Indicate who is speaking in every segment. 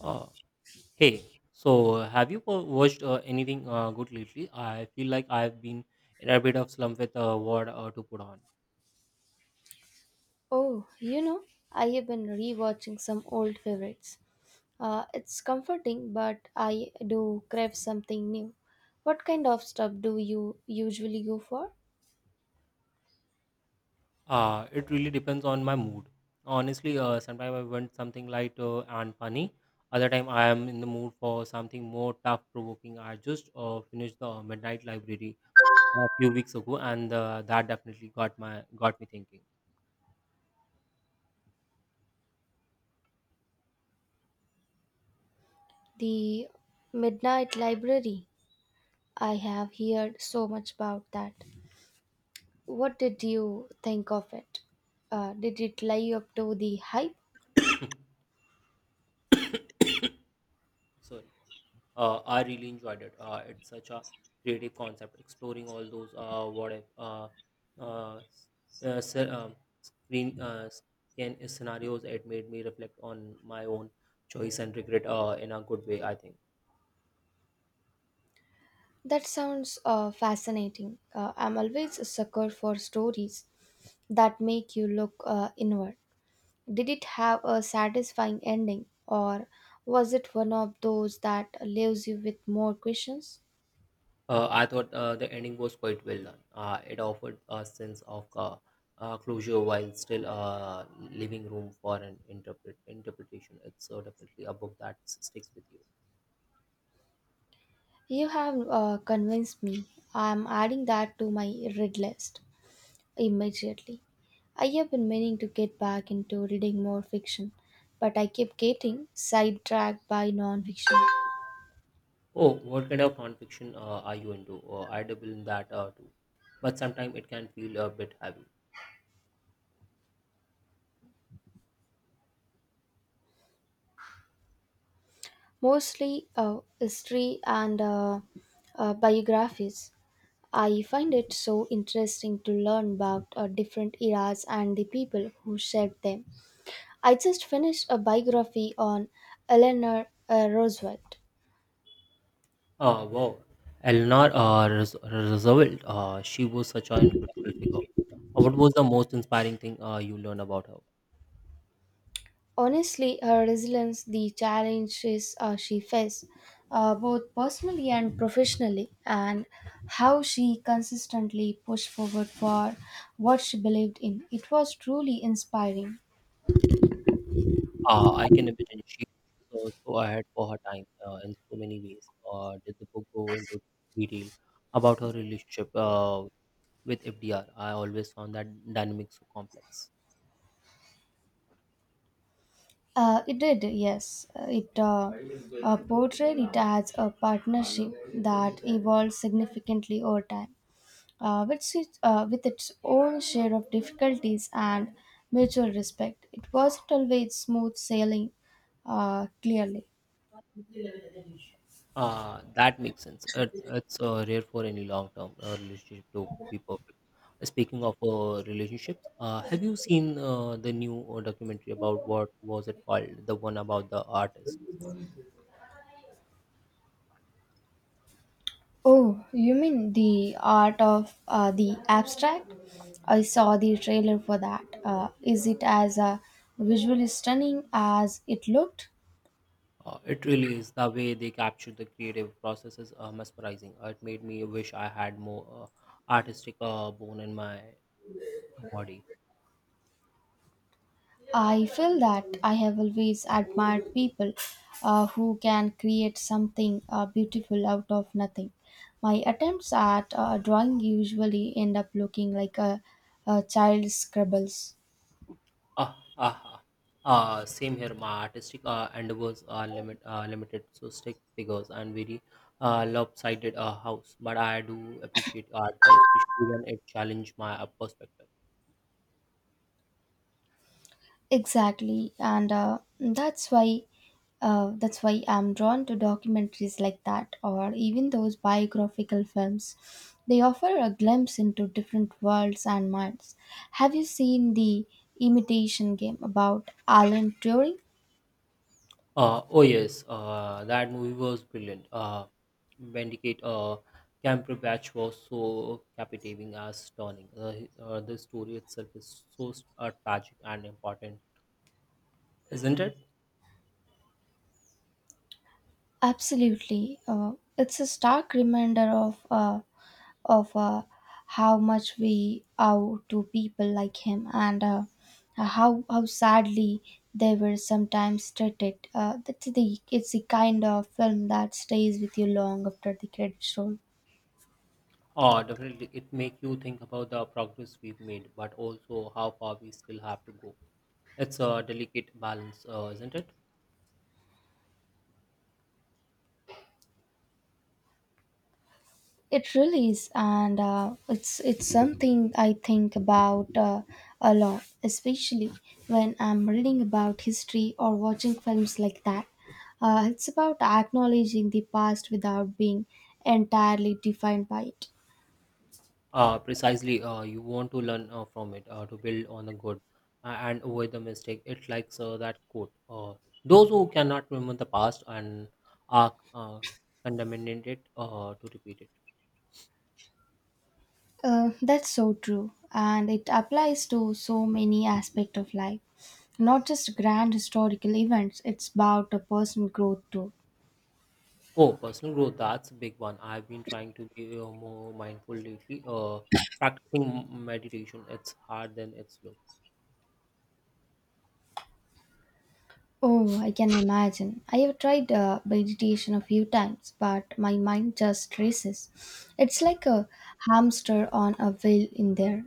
Speaker 1: Uh, hey, so have you watched anything good lately? I feel like I've been in a bit of slump with what to put on.
Speaker 2: Oh, you know, I have been rewatching some old favorites. It's comforting, but I do crave something new. What kind of stuff do you usually go for?
Speaker 1: It really depends on my mood. Honestly, sometimes I want something light and funny. Other time I am in the mood for something more tough-provoking. I just finished the Midnight Library a few weeks ago, and that definitely got me thinking.
Speaker 2: The Midnight Library. I have heard so much about that. What did you think of it? Did it live up to the hype?
Speaker 1: Sorry. I really enjoyed it. It's such a creative concept, exploring all those what if s- se- screen scan scenarios. It made me reflect on my own choice and regret, in a good way. I think.
Speaker 2: That sounds fascinating. I'm always a sucker for stories that make you look inward. Did it have a satisfying ending, or was it one of those that leaves you with more questions?
Speaker 1: I thought the ending was quite well done. It offered a sense of closure while still leaving room for an interpretation. It's definitely a book that sticks with you.
Speaker 2: You have convinced me. I am adding that to my read list immediately. I have been meaning to get back into reading more fiction, but I keep getting sidetracked by non fiction,
Speaker 1: Oh, what kind of nonfiction are you into? I dabble in that too, but sometimes it can feel a bit heavy.
Speaker 2: mostly history and biographies. I find it so interesting to learn about different eras and the people who shaped them. I just finished a biography on Eleanor Roosevelt.
Speaker 1: Oh, wow. Eleanor Roosevelt, she was such an incredible figure. What was the most inspiring thing you learned about her?
Speaker 2: Honestly, her resilience, the challenges she faced, both personally and professionally, and how she consistently pushed forward for what she believed in, it was truly inspiring.
Speaker 1: I can imagine she was so ahead for her time in so many ways. Did the book go into detail about her relationship, with FDR? I always found that dynamic so complex.
Speaker 2: It did, yes. It portrayed it as a partnership that evolved significantly over time, which is with its own share of difficulties and mutual respect. It wasn't always smooth sailing, clearly.
Speaker 1: That makes sense. It's rare for any long term relationship to be perfect. Speaking of relationships, have you seen the new documentary about, what was it called? The one about the artist.
Speaker 2: Oh, you mean the art of the abstract? I saw the trailer for that. Is it as visually stunning as it looked?
Speaker 1: It really is, the way they captured the creative processes mesmerizing. It made me wish I had more artistic bone in my body.
Speaker 2: I feel that I have always admired people who can create something beautiful out of nothing. My attempts at drawing usually end up looking like a child's scribbles.
Speaker 1: Ah, ah, ah. Same here. My artistic endeavors are limited, so stick figures and very lopsided house. But I do appreciate art, especially when it challenged my perspective.
Speaker 2: Exactly, and that's why I'm drawn to documentaries like that, or even those biographical films. They offer a glimpse into different worlds and minds. Have you seen the Imitation Game about Alan Turing?
Speaker 1: Oh yes, that movie was brilliant. Bandicoot Cumberbatch was so captivating as stunning. The story itself is so tragic and important, isn't it?
Speaker 2: Absolutely, it's a stark reminder of how much we owe to people like him and how sadly they were sometimes treated. That's the It's the kind of film that stays with you long after the credits roll.
Speaker 1: Oh, definitely. It make you think about the progress we've made, but also how far we still have to go. It's a delicate balance, isn't it?
Speaker 2: It really is, and it's something I think about a lot, especially when I'm reading about history or watching films like that. It's about acknowledging the past without being entirely defined by it.
Speaker 1: Precisely. You want to learn from it, to build on the good and avoid the mistake. It likes that quote. Those who cannot remember the past and are condemned it to repeat it.
Speaker 2: That's so true, and it applies to so many aspects of life. Not just grand historical events, it's about a personal growth too.
Speaker 1: Oh, personal growth. That's a big one. I've been trying to be more mindful lately. Practicing meditation. It's hard, then it's slow.
Speaker 2: Oh, I can imagine. I have tried meditation a few times, but my mind just races. It's like a hamster on a wheel in there.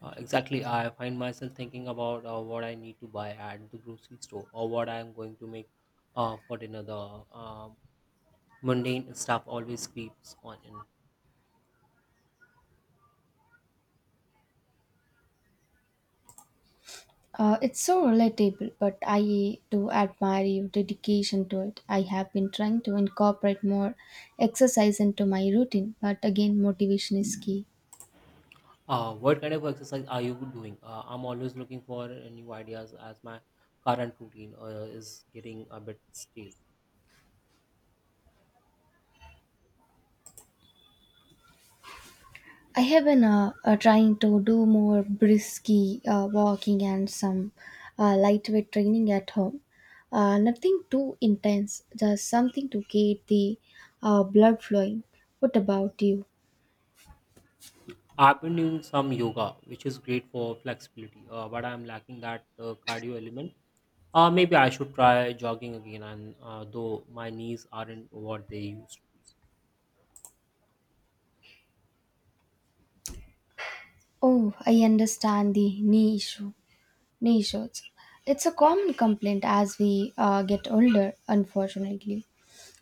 Speaker 1: Exactly, I find myself thinking about what I need to buy at the grocery store or what I am going to make for dinner. The mundane stuff always creeps on in.
Speaker 2: It's so relatable, but I do admire your dedication to it. I have been trying to incorporate more exercise into my routine, but again, motivation is key.
Speaker 1: What kind of exercise are you doing? I'm always looking for new ideas as my current routine is getting a bit stale.
Speaker 2: I have been trying to do more brisky walking and some lightweight training at home. Nothing too intense, just something to get the blood flowing. What about you?
Speaker 1: I've been doing some yoga, which is great for flexibility, but I'm lacking that cardio element. Maybe I should try jogging again, and though my knees aren't what they used to be.
Speaker 2: Oh, I understand the knee issue. Knee shots. It's a common complaint as we get older, unfortunately.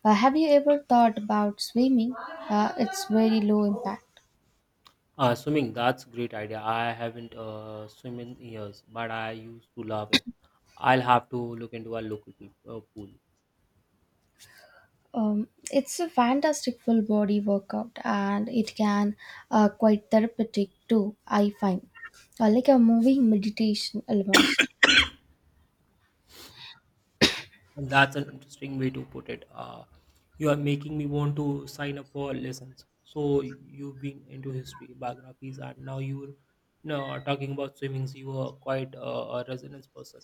Speaker 2: Have you ever thought about swimming? It's very low impact.
Speaker 1: Ah, swimming, that's great idea. I haven't swim in years, but I used to love it. I'll have to look into a local pool.
Speaker 2: It's a fantastic full body workout and it can quite therapeutic too, I find. Like a moving meditation almost.
Speaker 1: That's an interesting way to put it. You are making me want to sign up for lessons. So you've been into history, biographies, and now you know, talking about swimming. You are quite a resonance person.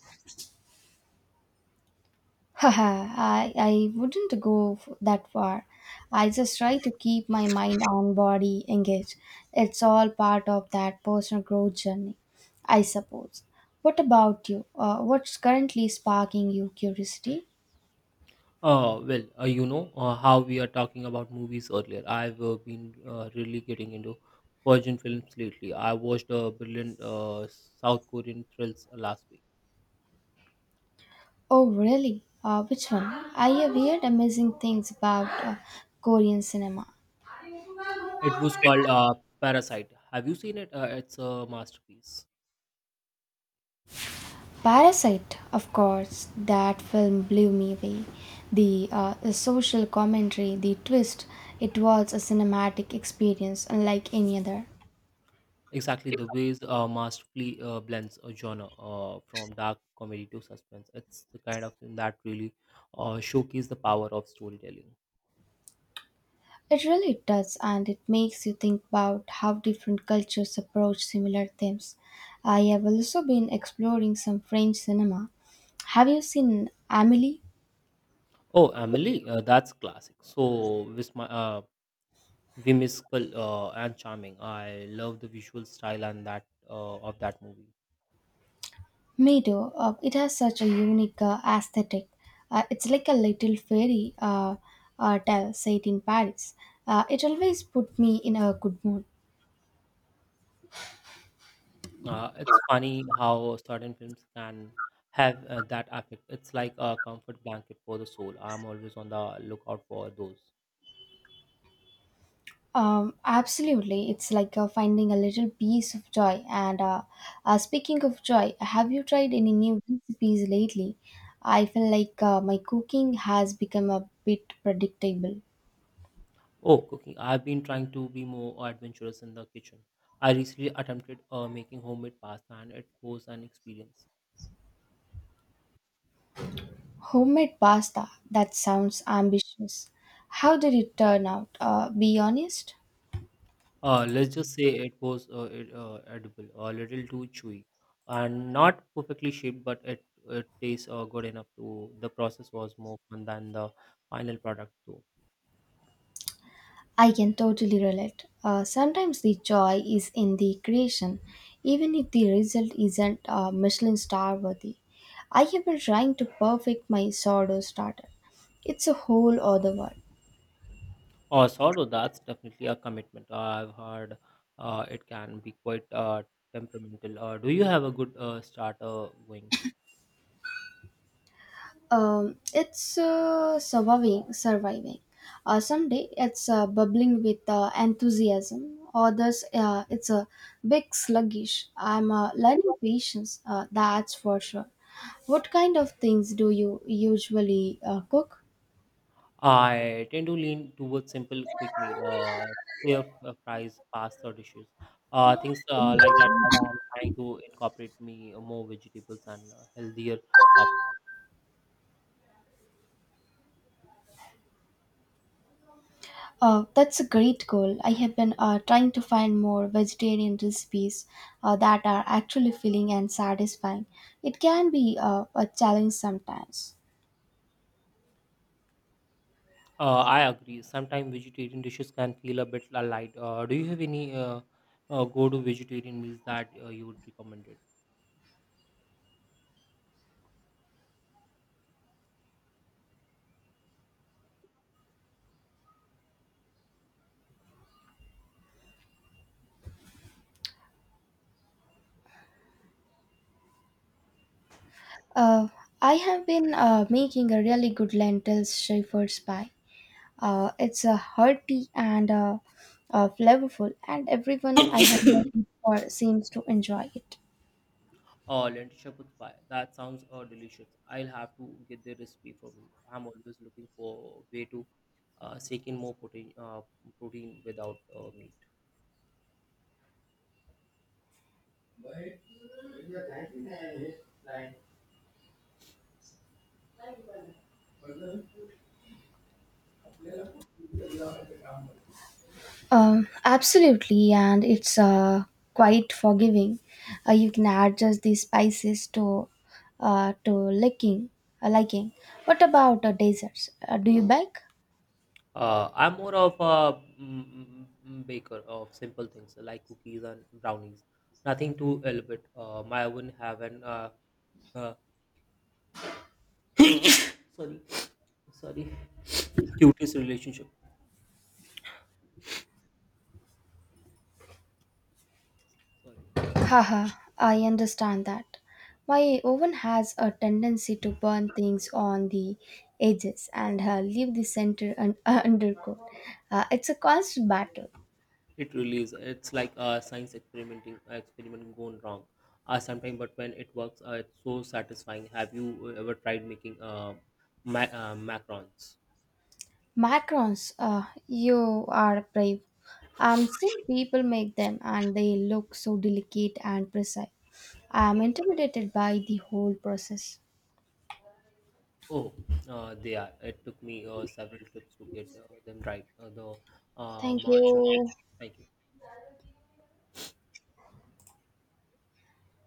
Speaker 2: Haha, I wouldn't go that far. I just try to keep my mind and body engaged. It's all part of that personal growth journey, I suppose. What about you? What's currently sparking your curiosity?
Speaker 1: Well, you know how we are talking about movies earlier. I've been really getting into foreign films lately. I watched a brilliant South Korean thrills last week.
Speaker 2: Oh, really? Which one? I have heard amazing things about Korean cinema.
Speaker 1: It was called Parasite. Have you seen it? It's a masterpiece.
Speaker 2: Parasite, of course, that film blew me away. The social commentary, the twist, it was a cinematic experience unlike any other.
Speaker 1: Exactly, the ways masterfully blends a genre from dark comedy to suspense. It's the kind of film that really showcases the power of storytelling.
Speaker 2: It really does, and it makes you think about how different cultures approach similar themes. I have also been exploring some French cinema. Have you seen Amelie?
Speaker 1: Oh, Emily, that's classic. So, with my, whimsical and charming. I love the visual style and that of that movie.
Speaker 2: Me too. It has such a unique aesthetic. It's like a little fairy tale set in Paris. It always put me in a good mood.
Speaker 1: It's funny how certain films can have that effect. It's like a comfort blanket for the soul. I'm always on the lookout for those.
Speaker 2: Absolutely, it's like finding a little piece of joy. And speaking of joy, have you tried any new recipes lately? I feel like my cooking has become a bit predictable.
Speaker 1: Oh, cooking! I've been trying to be more adventurous in the kitchen. I recently attempted making homemade pasta, and it was an experience.
Speaker 2: Homemade pasta. That sounds ambitious. How did it turn out? Be honest.
Speaker 1: Let's just say it was edible, a little too chewy, and not perfectly shaped, but it tastes good enough to. The process was more fun than the final product, too.
Speaker 2: I can totally relate. Sometimes the joy is in the creation, even if the result isn't Michelin star worthy. I have been trying to perfect my sourdough starter. It's a whole other world.
Speaker 1: Oh, sourdough, that's definitely a commitment. I've heard it can be quite temperamental. Do you have a good starter going?
Speaker 2: It's Surviving, surviving. Someday it's bubbling with enthusiasm. Others, it's a big sluggish. I'm learning patience. That's for sure. What kind of things do you usually cook?
Speaker 1: I tend to lean towards simple quick meal, clear fries, pasta dishes, things like that. But I'm trying to incorporate me more vegetables and healthier options.
Speaker 2: That's a great goal. I have been trying to find more vegetarian recipes that are actually filling and satisfying. It can be a challenge sometimes.
Speaker 1: I agree. Sometimes vegetarian dishes can feel a bit light. Do you have any go-to vegetarian meals that you would recommend
Speaker 2: Uh, I have been making a really good lentils shepherd's pie. It's a hearty and flavorful, and everyone I have met
Speaker 1: it?
Speaker 2: before seems to enjoy it.
Speaker 1: Oh, lentil shepherd's pie. That sounds delicious. I'll have to get the recipe from you. I'm always looking for a way to sneak in more protein without meat.
Speaker 2: Absolutely, and it's quite forgiving. You can adjust the spices to liking, liking. What about desserts? Do you bake?
Speaker 1: I'm more of a baker of simple things like cookies and brownies. Nothing too elaborate. My oven have an uh, sorry, sorry, cutest relationship. Sorry.
Speaker 2: Haha, I understand that. My oven has a tendency to burn things on the edges and leave the center undercooked. It's a constant battle.
Speaker 1: It really is. It's like a science experiment gone wrong. Sometimes, but when it works, it's so satisfying. Have you ever tried making macarons?
Speaker 2: Macarons, you are brave. I'm seeing people make them and they look so delicate and precise. I'm intimidated by the whole process.
Speaker 1: Oh, they are. It took me several trips to get them right. The
Speaker 2: Thank
Speaker 1: margarine,
Speaker 2: you.